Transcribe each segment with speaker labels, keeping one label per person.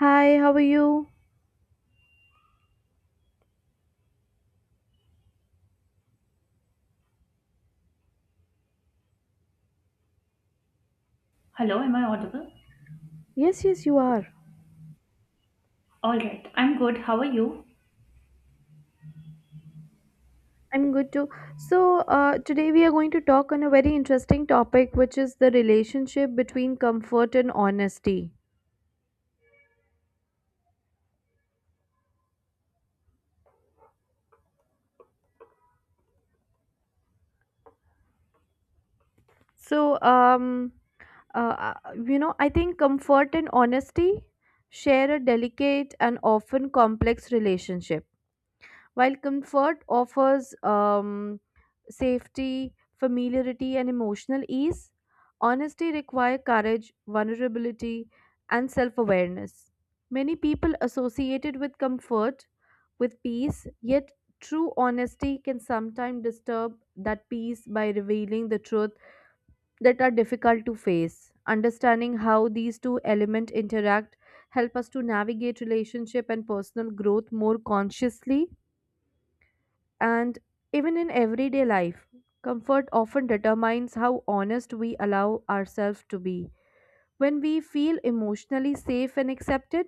Speaker 1: Hi, how are you?
Speaker 2: Hello, am I audible?
Speaker 1: Yes, yes, you are.
Speaker 2: All right, I'm good. How are you?
Speaker 1: I'm good too. So, today we are going to talk on a very interesting topic, which is the relationship between comfort and honesty. So, I think comfort and honesty share a delicate and often complex relationship. While comfort offers safety, familiarity, and emotional ease, honesty requires courage, vulnerability, and self awareness. Many people associate it with comfort, with peace, yet true honesty can sometimes disturb that peace by revealing the truth that are difficult to face. Understanding how these two elements interact help us to navigate relationship and personal growth more consciously and even in everyday life, comfort often determines how honest we allow ourselves to be. When we feel emotionally safe and accepted,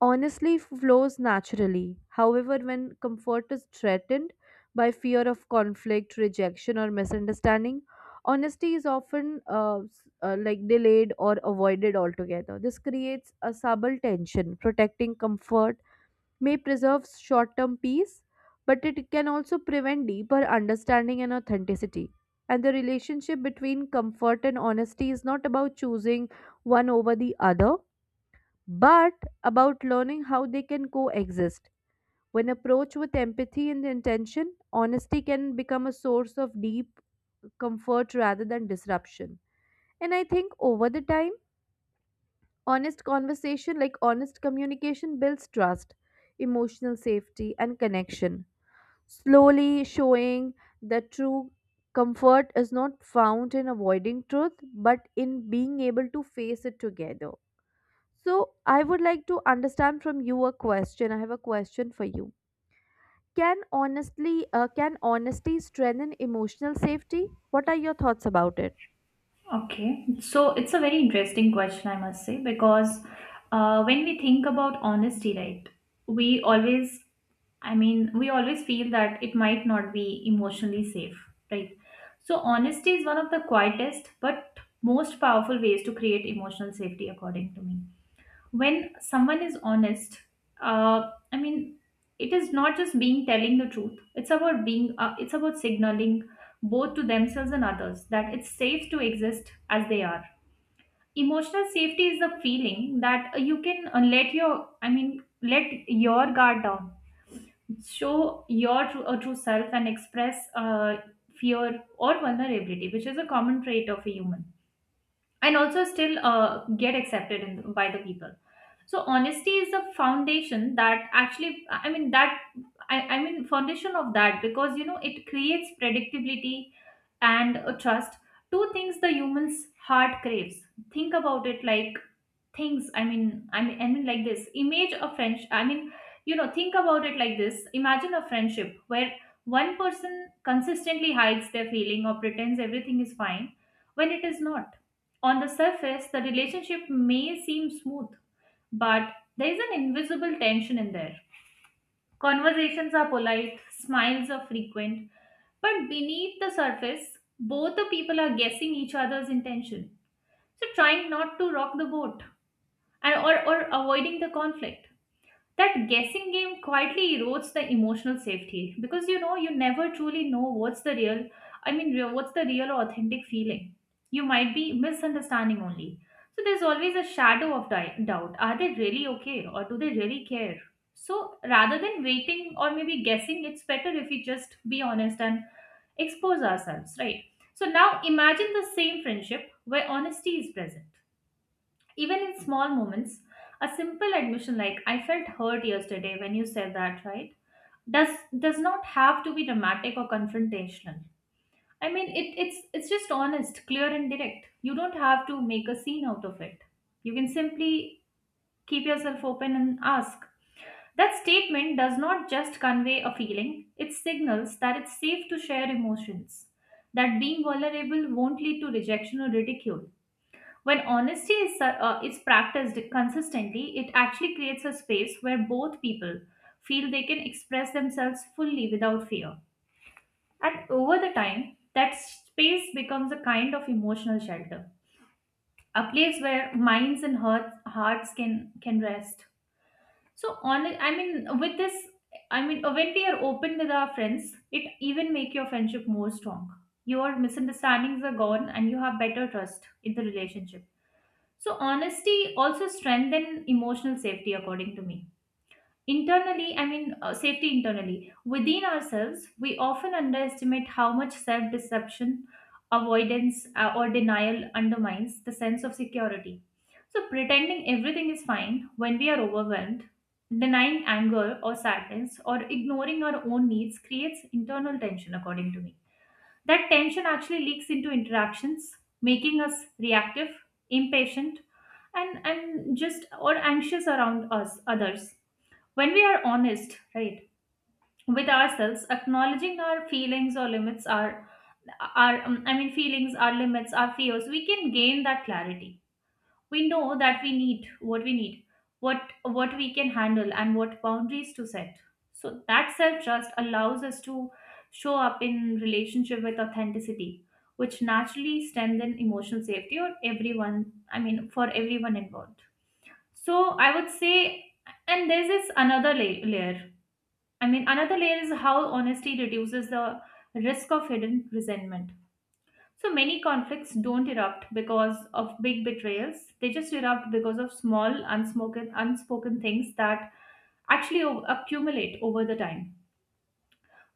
Speaker 1: honesty flows naturally. However, when comfort is threatened by fear of conflict, rejection, or misunderstanding, honesty is often like delayed or avoided altogether. This creates a subtle tension. Protecting comfort may preserve short term peace, but it can also prevent deeper understanding and authenticity. And the relationship between comfort and honesty is not about choosing one over the other, but about learning how they can coexist. When approached with empathy and intention, honesty can become a source of deep comfort rather than disruption. And I think over the time, honest conversation, like honest communication, builds trust, emotional safety, and connection, slowly showing that true comfort is not found in avoiding truth but in being able to face it together. So, I would like to understand from you a question. I have a question for you. Can honesty strengthen emotional safety? What are your thoughts about it?
Speaker 2: Okay, so it's a very interesting question, I must say, because when we think about honesty, right, we always, I mean, we always feel that it might not be emotionally safe, right? So, honesty is one of the quietest but most powerful ways to create emotional safety, according to me. When someone is honest, I mean it is not just being telling the truth. It's about being, it's about signaling both to themselves and others that it's safe to exist as they are. Emotional safety is the feeling that you can, let your I mean let your guard down, show your true, true self and express fear or vulnerability, which is a common trait of a human, and also still get accepted in, by the people. So honesty is the foundation that, actually I mean that I mean foundation of that, because you know it creates predictability and a trust, two things the human's heart craves. Think about it like, things I mean I mean I mean like this image a friendship I mean you know, think about it like this. Imagine a friendship where one person consistently hides their feeling or pretends everything is fine when it is not. On the surface the relationship may seem smooth, but there is an invisible tension in there. Conversations are polite, smiles are frequent, but beneath the surface, both the people are guessing each other's intention. So trying not to rock the boat, or avoiding the conflict, that guessing game quietly erodes the emotional safety, because you know you never truly know what's the real I mean real- what's the real or authentic feeling. You might be misunderstanding only. So there's always a shadow of doubt. Are they really okay or do they really care? So rather than waiting or maybe guessing, it's better if we just be honest and expose ourselves, right? So now imagine the same friendship where honesty is present, even in small moments. A simple admission like, I felt hurt yesterday when you said that, right? Does does not have to be dramatic or confrontational. I mean, it's just honest, clear and direct. You don't have to make a scene out of it. You can simply keep yourself open and ask. That statement does not just convey a feeling, it signals that it's safe to share emotions, that being vulnerable won't lead to rejection or ridicule. When honesty is practiced consistently, it actually creates a space where both people feel they can express themselves fully without fear. And over the time, that space becomes a kind of emotional shelter, a place where minds and hearts can rest. So, with this, I mean, when we are open with our friends, it even make your friendship more strong. Your misunderstandings are gone, and you have better trust in the relationship. So honesty also strengthen emotional safety, according to me. Internally, safety internally within ourselves, we often underestimate how much self-deception, avoidance, or denial undermines the sense of security. So pretending everything is fine when we are overwhelmed, denying anger or sadness, or ignoring our own needs creates internal tension, according to me. That tension actually leaks into interactions, making us reactive, impatient, and just or anxious around us others. When we are honest, right, with ourselves, acknowledging our feelings or limits, our I mean feelings our limits, our fears, we can gain that clarity. We know that we need what we need, what what we can handle and what boundaries to set. So that self trust allows us to show up in relationship with authenticity, which naturally strengthen emotional safety or everyone I mean for everyone involved. So I would say, and there's this layer. I mean, another layer is how honesty reduces the risk of hidden resentment. So many conflicts don't erupt because of big betrayals. They just erupt because of small, unspoken things that actually accumulate over the time.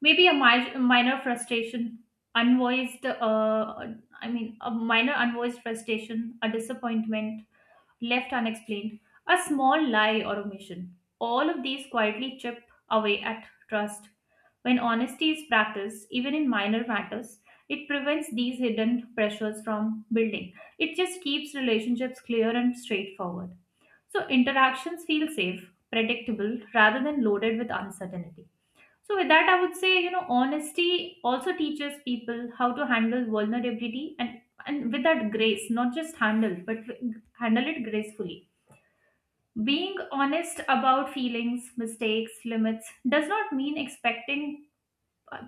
Speaker 2: Maybe a mi- minor frustration, unvoiced, I mean, a minor unvoiced frustration, a disappointment, left unexplained, a small lie or omission. All of these quietly chip away at trust. When honesty is practiced, even in minor matters, it prevents these hidden pressures from building. It just keeps relationships clear and straightforward. So interactions feel safe, predictable, rather than loaded with uncertainty. So with that, I would say, you know, honesty also teaches people how to handle vulnerability and with that grace, not just handle, but handle it gracefully. Being honest about feelings, mistakes, limits does not mean expecting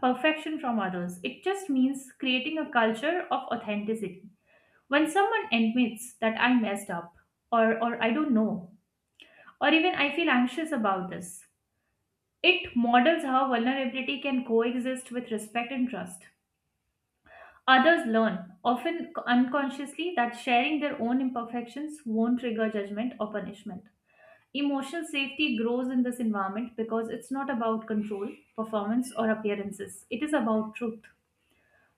Speaker 2: perfection from others. It just means creating a culture of authenticity. When someone admits that I messed up, or I don't know, or even I feel anxious about this, it models how vulnerability can coexist with respect and trust. Others learn, often unconsciously, that sharing their own imperfections won't trigger judgment or punishment. Emotional safety grows in this environment because it's not about control, performance, or appearances. It is about truth.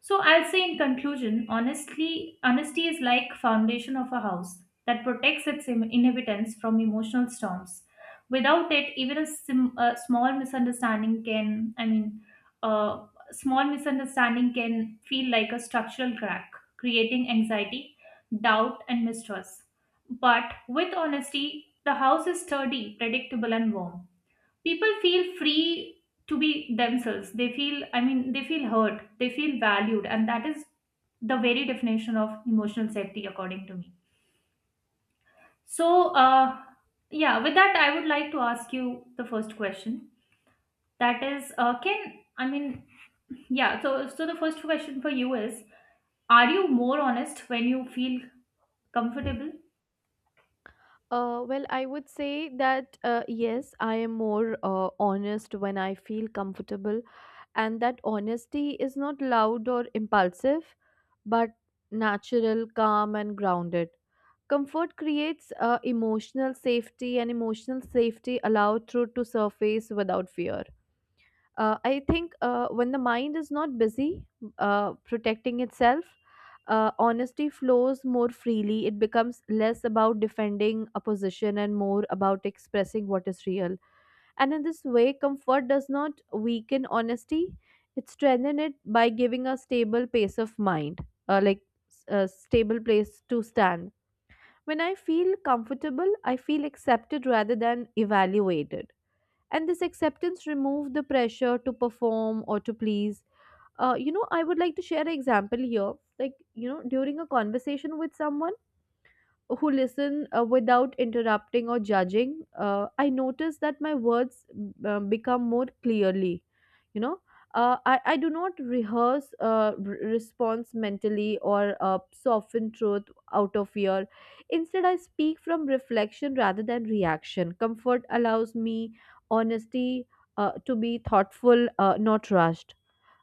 Speaker 2: So I'll say in conclusion, honestly, honesty is like foundation of a house that protects its inhabitants from emotional storms. Without it, even a small misunderstanding can, I mean, a small misunderstanding can feel like a structural crack, creating anxiety, doubt, and mistrust. But with honesty, the house is sturdy, predictable, and warm. People feel free to be themselves. They feel heard, they feel valued, and that is the very definition of emotional safety, according to me. So yeah, with that I would like to ask you the first question, that is can I mean yeah so so the first question for you is, are you more honest when you feel comfortable?
Speaker 1: Well, I would say that yes, I am more honest when I feel comfortable, and that honesty is not loud or impulsive, but natural, calm, and grounded. Comfort creates emotional safety, and emotional safety allows truth to surface without fear. I think when the mind is not busy protecting itself, honesty flows more freely. It becomes less about defending a position and more about expressing what is real. And in this way, comfort does not weaken honesty, it strengthens it by giving a stable pace of mind, like a stable place to stand. When I feel comfortable, I feel accepted rather than evaluated, and this acceptance removed the pressure to perform or to please. You know, I would like to share an example here, like you know, during a conversation with someone who listen without interrupting or judging, I notice that my words become more clearly. You know, I do not rehearse response mentally or soften truth out of fear. Instead, I speak from reflection rather than reaction. Comfort allows me honesty to be thoughtful, not rushed.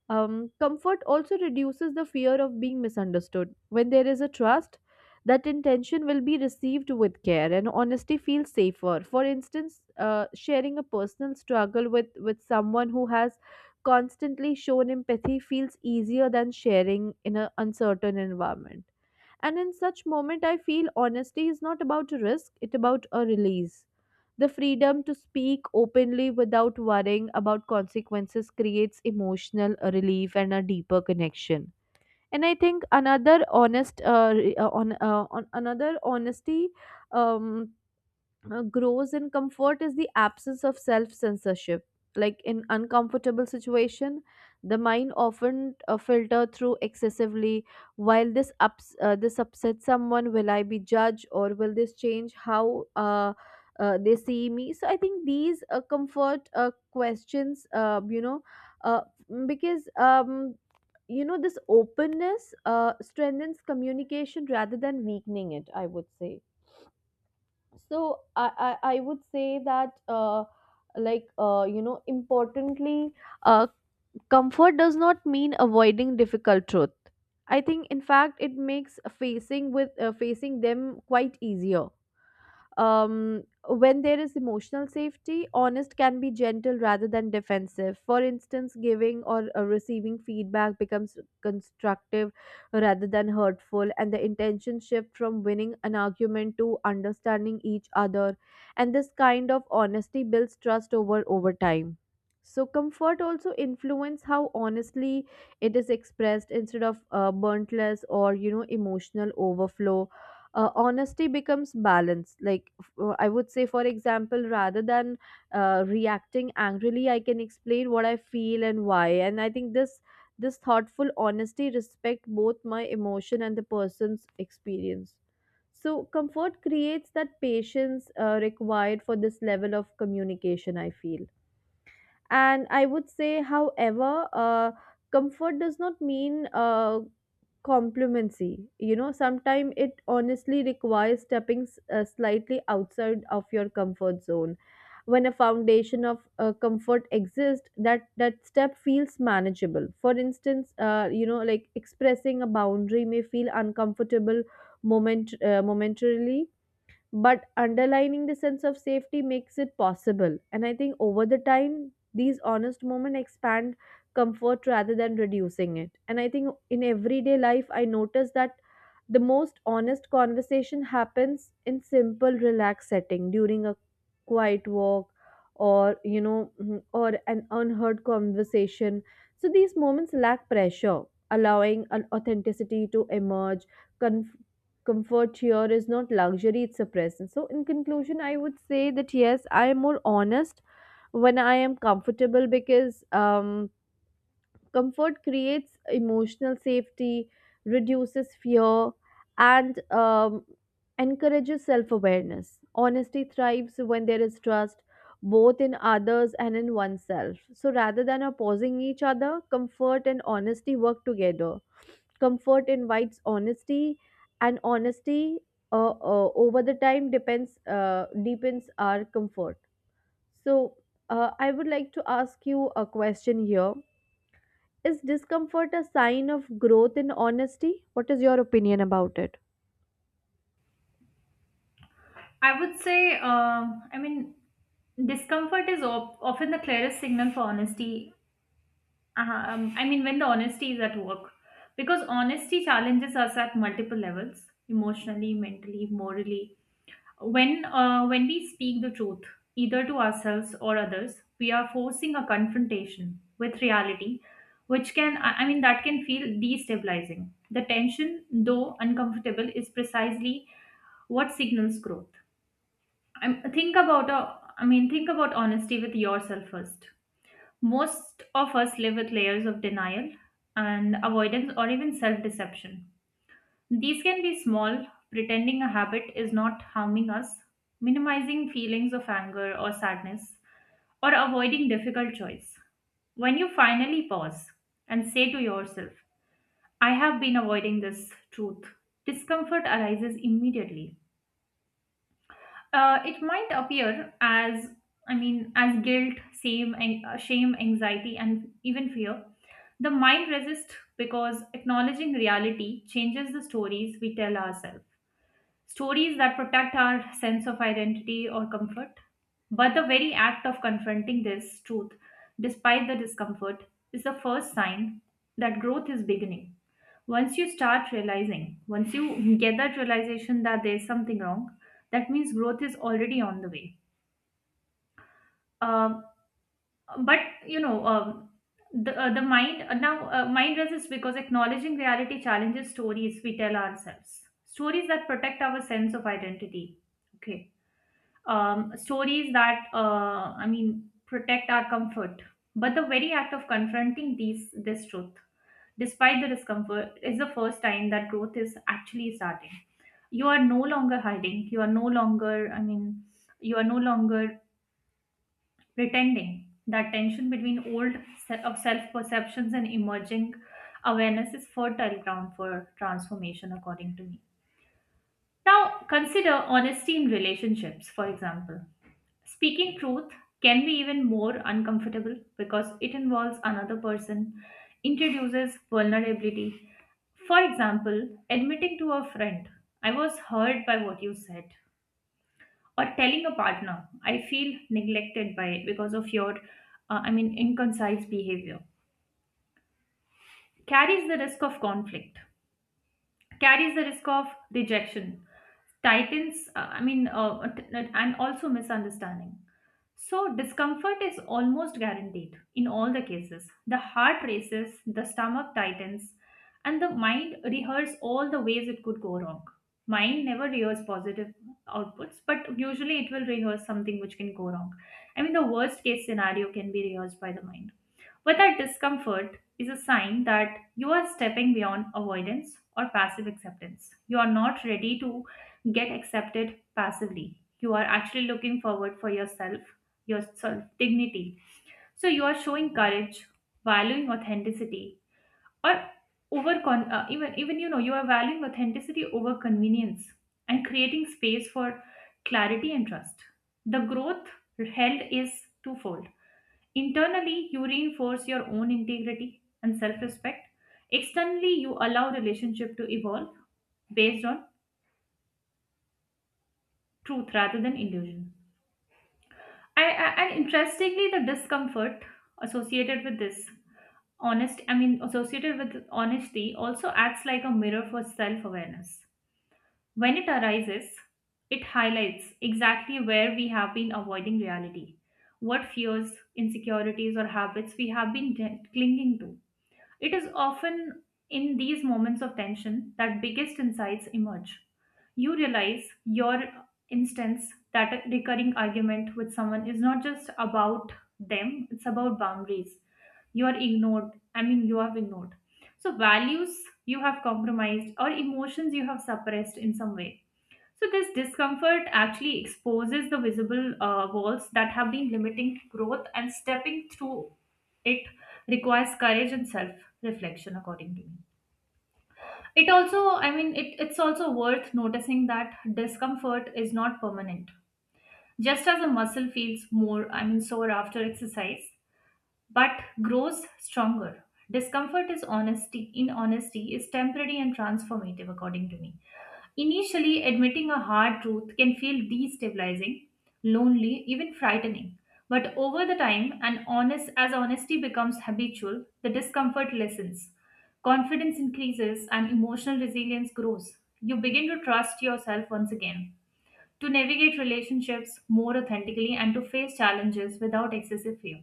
Speaker 1: Comfort also reduces the fear of being misunderstood. When there is a trust that intention will be received with care, and honesty feels safer. For instance, sharing a personal struggle with someone who has constantly shown empathy feels easier than sharing in an uncertain environment. And in such moment, I feel honesty is not about a risk, it's about a release. The freedom to speak openly without worrying about consequences creates emotional relief and a deeper connection. And I think another honest, re- on another honesty um, grows in comfort is the absence of self censorship. Like, in uncomfortable situation, the mind often filter through excessively while this ups this upsets someone. Will I be judged, or will this change how they see me? So I think these comfort questions, uh, because you know, this openness strengthens communication rather than weakening it, I would say. So I would say that importantly, uh comfort does not mean avoiding difficult truth. I think in fact it makes facing them quite easier. um, when there is emotional safety, honest can be gentle rather than defensive. For instance, giving or receiving feedback becomes constructive rather than hurtful, and the intention shift from winning an argument to understanding each other. And this kind of honesty builds trust over time. So comfort also influence how honestly it is expressed. Instead of burnt less or, you know, emotional overflow, honesty becomes balance. I would say, for example, rather than reacting angrily, I can explain what I feel and why. And I think this thoughtful honesty respect both my emotion and the person's experience. So comfort creates that patience required for this level of communication, I feel. And I would say, however, comfort does not mean complimency. You know, sometimes it honestly requires stepping slightly outside of your comfort zone. When a foundation of comfort exists, that step feels manageable. For instance, you know, like expressing a boundary may feel uncomfortable momentarily, but underlining the sense of safety makes it possible. And I think over the time, these honest moments expand comfort rather than reducing it. And I think in everyday life, I notice that the most honest conversation happens in simple relaxed setting, during a quiet walk, or you know, or an unheard conversation. So these moments lack pressure, allowing an authenticity to emerge. conf- Comfort here is not luxury, it's a presence. So in conclusion, I would say that yes, I am more honest when I am comfortable, because comfort creates emotional safety, reduces fear, and encourages self-awareness. Honesty thrives when there is trust, both in others and in oneself. So rather than opposing each other, comfort and honesty work together. Comfort invites honesty, and honesty over the time depends deepens our comfort. So I would like to ask you a question here. Is discomfort a sign of growth in honesty? What is your opinion about it?
Speaker 2: I would say i mean discomfort is often the clearest signal for honesty. Uh-huh. I mean, when the honesty is at work, because honesty challenges us at multiple levels, emotionally, mentally, morally. When we speak the truth, either to ourselves or others, we are forcing a confrontation with reality, which can I mean that can feel destabilizing. The tension, though uncomfortable, is precisely what signals growth. I think about a, I mean Think about honesty with yourself first. Most of us live with layers of denial and avoidance or even self deception. These can be small, pretending a habit is not harming us, minimizing feelings of anger or sadness, or avoiding difficult choice. When you finally pause and say to yourself, I have been avoiding this truth, discomfort arises immediately. It might appear as, I mean, as guilt, shame, anxiety, and even fear. The mind resists because acknowledging reality changes the stories we tell ourselves, stories that protect our sense of identity or comfort. But the very act of confronting this truth, despite the discomfort, is the first sign that growth is beginning. Once you start realizing, once you get that realization that there's something wrong, that means growth is already on the way. Um, but you know, the mind, now mind resists because acknowledging reality challenges stories we tell ourselves, stories that protect our sense of identity. Okay, stories that I mean protect our comfort. But the very act of confronting these this truth, despite the discomfort, is the first time that growth is actually starting. You are no longer hiding. You are no longer pretending. That tension between old se- of self perceptions and emerging awareness is fertile ground for transformation, according to me. Now consider honesty in relationships, for example. Speaking truth can be even more uncomfortable because it involves another person, introduces vulnerability. For example, admitting to a friend, I was hurt by what you said, or telling a partner, I feel neglected by it because of your, inconcise behavior, carries the risk of conflict, carries the risk of rejection, tightens, I mean, t- and also misunderstanding. So, discomfort is almost guaranteed in all the cases. The heart races, the stomach tightens, and the mind rehearses all the ways it could go wrong. Mind never rehearses positive outputs, but usually it will rehearse something which can go wrong. I mean, the worst case scenario can be rehearsed by the mind. Whether discomfort is a sign that you are stepping beyond avoidance or passive acceptance. You are not ready to get accepted passively. You are actually looking forward for yourself, your self dignity. So you are showing courage, valuing authenticity, or even you know, you are valuing authenticity over convenience, and creating space for clarity and trust. The growth held is twofold. Internally, you reinforce your own integrity and self respect. Externally, you allow relationship to evolve based on truth rather than illusion. And interestingly, the discomfort associated with this associated with honesty also acts like a mirror for self awareness. When it arises, it highlights exactly where we have been avoiding reality, what fears, insecurities, or habits we have been clinging to. It is often in these moments of tension that biggest insights emerge. You realize your instance that a recurring argument with someone is not just about them, it's about boundaries. You are ignored, I mean, You have ignored. So, values you have compromised or emotions you have suppressed in some way. So, this discomfort actually exposes the visible walls that have been limiting growth, and stepping through it requires courage and self reflection, according to me. It also, I mean, it, it's also worth noticing that discomfort is not permanent. Just as a muscle feels sore after exercise, but grows stronger. In honesty, is temporary and transformative, according to me. Initially, admitting a hard truth can feel destabilizing, lonely, even frightening. But over the time, and honest as honesty becomes habitual, the discomfort lessens. Confidence increases and emotional resilience grows. You begin to trust yourself once again, to navigate relationships more authentically and to face challenges without excessive fear.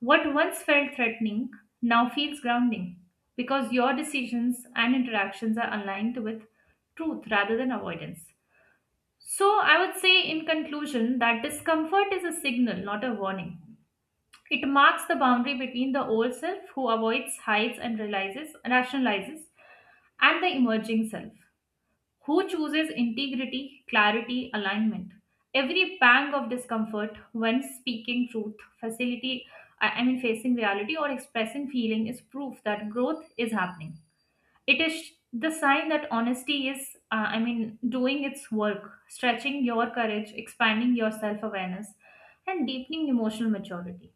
Speaker 2: What once felt threatening now feels grounding because your decisions and interactions are aligned with truth rather than avoidance. So, I would say in conclusion that discomfort is a signal, not a warning. It marks the boundary between the old self who avoids, hides, and realizes, rationalizes, and the emerging self who chooses integrity, clarity, alignment. Every pang of discomfort when speaking truth, facility, I mean facing reality or expressing feeling is proof that growth is happening. It is the sign that honesty is, doing its work, stretching your courage, expanding your self awareness, and deepening emotional maturity.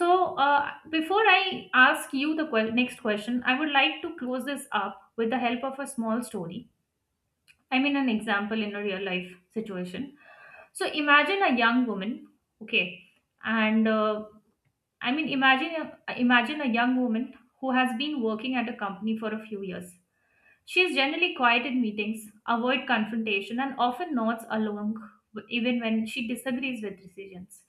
Speaker 2: So, before I ask you the next question, I would like to close this up with the help of a small story, an example in a real life situation. So imagine a young woman, okay, and I mean, imagine a, imagine a young woman who has been working at a company for a few years. She is generally quiet in meetings, avoid confrontation, and often nods along even when she disagrees with decisions.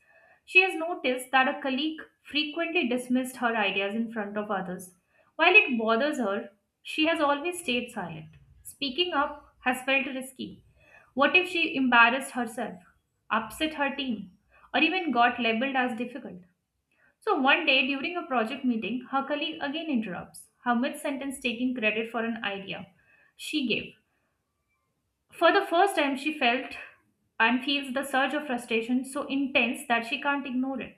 Speaker 2: She has noticed that a colleague frequently dismissed her ideas in front of others. While it bothers her, she has always stayed silent. Speaking up has felt risky. What if she embarrassed herself, upset her team, or even got labeled as difficult? So one day during a project meeting, her colleague again interrupts her mid sentence taking credit for an idea she gave. For the first time, she felt and feels the surge of frustration so intense that she can't ignore it.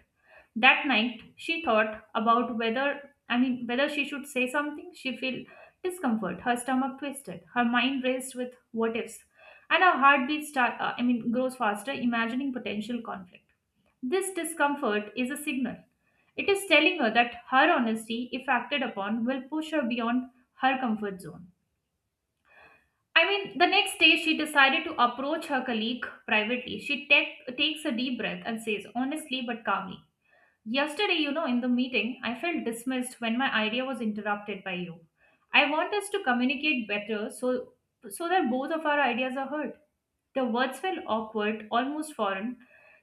Speaker 2: That night, she thought about whether she should say something. She felt discomfort, her stomach twisted, her mind raced with what ifs, and her heartbeat grows faster, imagining potential conflict. This discomfort is a signal. It is telling her that her honesty, if acted upon, will push her beyond her comfort zone. I mean, the next day she decided to approach her colleague privately. She takes a deep breath and says, honestly but calmly, "Yesterday, you know, in the meeting, I felt dismissed when my idea was interrupted by you. I want us to communicate so that both of our ideas are heard." The words felt awkward, almost foreign.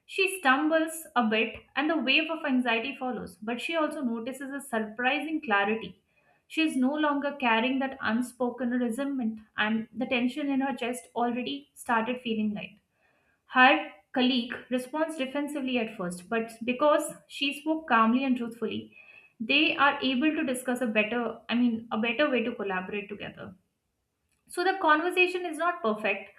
Speaker 2: She stumbles a bit, and the wave of anxiety follows, but she also notices a surprising clarity. She is no longer carrying that unspoken resentment, and the tension in her chest already started feeling light. Her colleague responds defensively at first, but because she spoke calmly and truthfully, they are able to discuss a better way to collaborate together. So the conversation is not perfect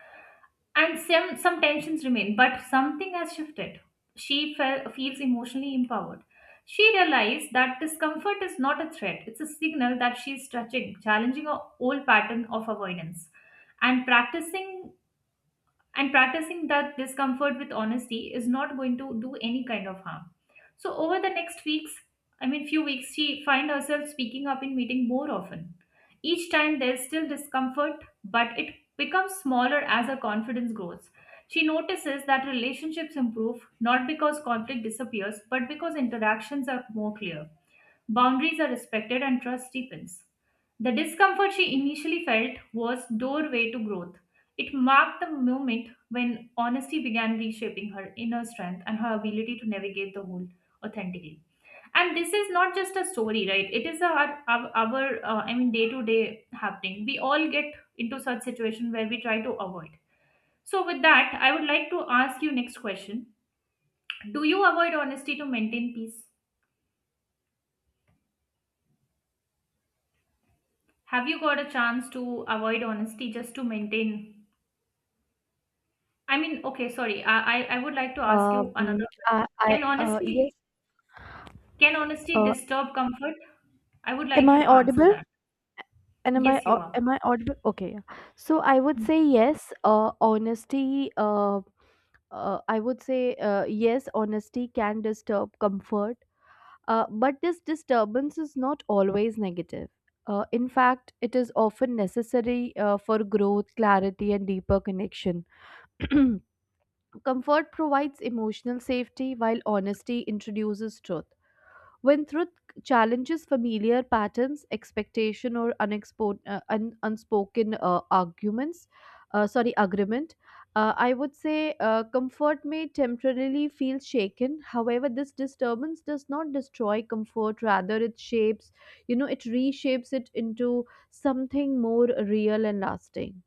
Speaker 2: and some tensions remain, but something has shifted. She felt feels emotionally empowered. She realized that discomfort is not a threat, it's a signal that she's stretching, challenging her old pattern of avoidance. And practicing that discomfort with honesty is not going to do any kind of harm. So over the next weeks, few weeks, she find herself speaking up in meeting more often. Each time there's still discomfort, but it becomes smaller as her confidence grows. She notices that relationships improve not because conflict disappears but because interactions are more clear. Boundaries are respected and trust deepens. The discomfort she initially felt was doorway to growth. It marked the moment when honesty began reshaping her inner strength and her ability to navigate the world authentically. And this is not just a story, right? It is our day to day happening. We all get into such situation where we try to avoid. So with that, I would like to ask you next question. Do you avoid honesty to maintain peace? Have you got a chance to avoid honesty just to maintain? Okay, sorry. I would like to ask you
Speaker 1: Um,
Speaker 2: another question.
Speaker 1: I
Speaker 2: Can
Speaker 1: Yes.
Speaker 2: honesty can honesty
Speaker 1: Uh,
Speaker 2: disturb comfort? I would
Speaker 1: am
Speaker 2: like you
Speaker 1: I
Speaker 2: to answer
Speaker 1: audible?
Speaker 2: that.
Speaker 1: And am I
Speaker 2: Yes, you
Speaker 1: au-
Speaker 2: are.
Speaker 1: Am I audible? Okay. Yeah. So I would say yes. Honesty. I would say yes. Honesty can disturb comfort. But this disturbance is not always negative. In fact, it is often necessary for growth, clarity, and deeper connection. Comfort provides emotional safety, while honesty introduces truth. When truth challenges familiar patterns, expectation, or unspoken agreement, I would say comfort may temporarily feel shaken. However, this disturbance does not destroy comfort, rather, it shapes, you know, it reshapes it into something more real and lasting.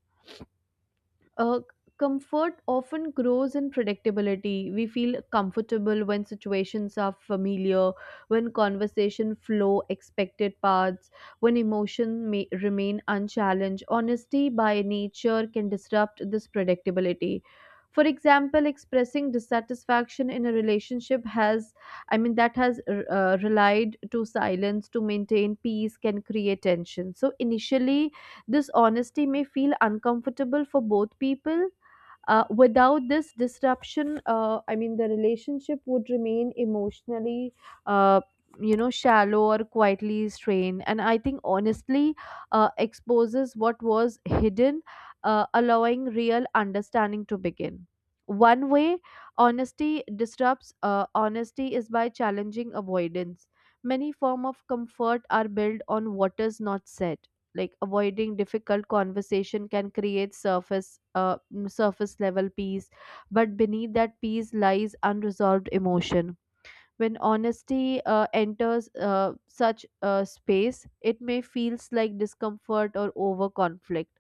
Speaker 1: Uh, Comfort often grows in predictability. We feel comfortable when situations are familiar, when conversation flow expected paths, when emotion may remain unchallenged. Honesty by nature can disrupt this predictability. For example, expressing dissatisfaction in a relationship has, I mean, that has relied to silence to maintain peace can create tension. So initially, this honesty may feel uncomfortable for both people. Without this disruption, I mean, the relationship would remain emotionally, uh, you know, shallow or quietly strained. And I think honestly exposes what was hidden, allowing real understanding to begin. One way honesty disrupts honesty is by challenging avoidance. Many forms of comfort are built on what is not said, like avoiding difficult conversation can create surface level peace, but beneath that peace lies unresolved emotion. When honesty enters such space, it may feels like discomfort or over conflict.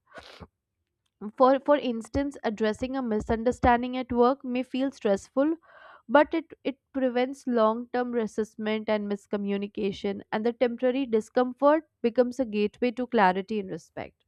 Speaker 1: For instance, addressing a misunderstanding at work may feel stressful, but it prevents long term resentment and miscommunication, and the temporary discomfort becomes a gateway to clarity and respect.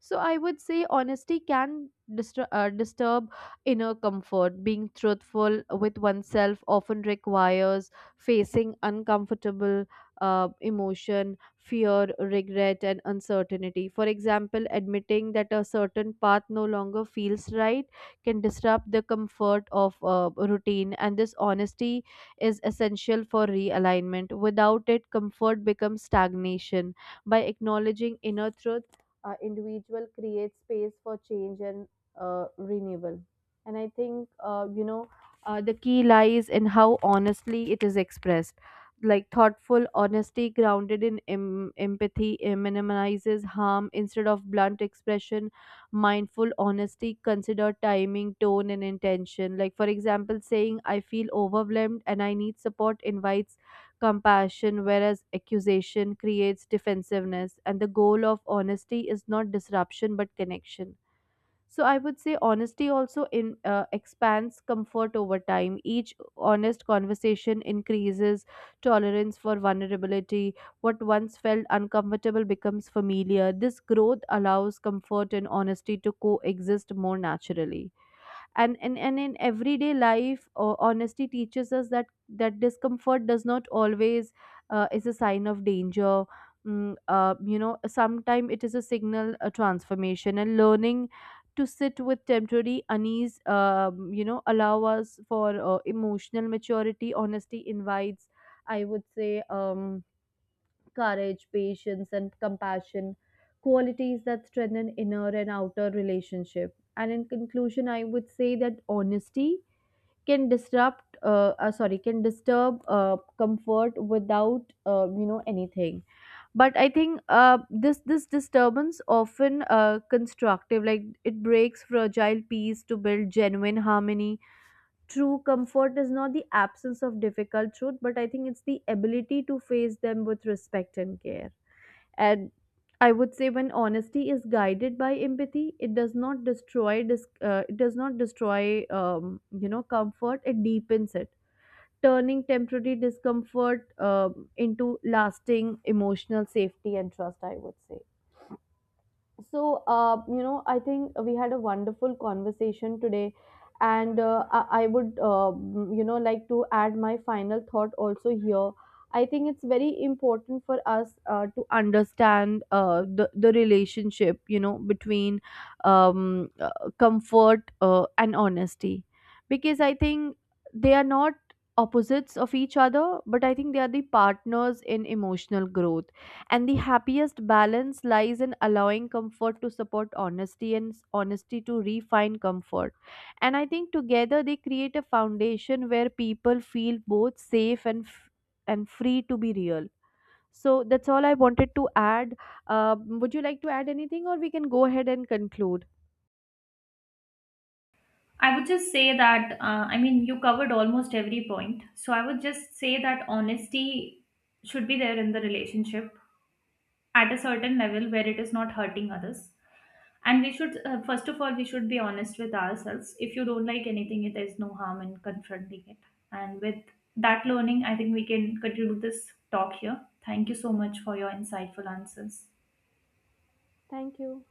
Speaker 1: So I would say honesty can disturb inner comfort. Being truthful with oneself often requires facing uncomfortable emotion, fear, regret, and uncertainty. For example, admitting that a certain path no longer feels right can disrupt the comfort of routine. And this honesty is essential for realignment. Without it, comfort becomes stagnation. By acknowledging inner truth, individual creates space for change and renewal. And I think, the key lies in how honestly it is expressed. Like thoughtful honesty grounded in empathy minimizes harm. Instead of blunt expression, mindful honesty consider timing, tone and intention. Like for example, saying I feel overwhelmed and I need support invites compassion, whereas accusation creates defensiveness. And the goal of honesty is not disruption but connection. So I would say honesty also in expands comfort over time. Each honest conversation increases tolerance for vulnerability. What once felt uncomfortable becomes familiar. This growth allows comfort and honesty to coexist more naturally. And and in everyday life, honesty teaches us that discomfort does not always is a sign of danger. You know, sometimes it is a signal, a transformation, and learning to sit with temporary unease, you know, allow us for emotional maturity. Honesty invites, I would say, courage, patience, and compassion, qualities that strengthen inner and outer relationship. And in conclusion, I would say that honesty can can disturb comfort without, you know, anything. But I think this disturbance often constructive, like it breaks fragile peace to build genuine harmony. True comfort is not the absence of difficult truth, but I think it's the ability to face them with respect and care. And I would say, when honesty is guided by empathy, it does not it does not destroy, you know, comfort. It deepens it, turning temporary discomfort, into lasting emotional safety and trust, I would say. So, you know, I think we had a wonderful conversation today, and I would, you know, like to add my final thought also here. I think it's very important for us to understand the relationship, you know, between um, uh, comfort and honesty, because I think they are not opposites of each other, but I think they are the partners in emotional growth, and the happiest balance lies in allowing comfort to support honesty and honesty to refine comfort. And I think together they create a foundation where people feel both safe and free to be real. So that's all I wanted to add. Uh, would you like to add anything, or we can go ahead and conclude?
Speaker 2: I would just say that, you covered almost every point. So I would just say that honesty should be there in the relationship at a certain level where it is not hurting others. And we should first of all we should be honest with ourselves. If you don't like anything, it is no harm in confronting it. And with that learning, I think we can conclude this talk here. Thank you so much for your insightful answers.
Speaker 1: Thank you.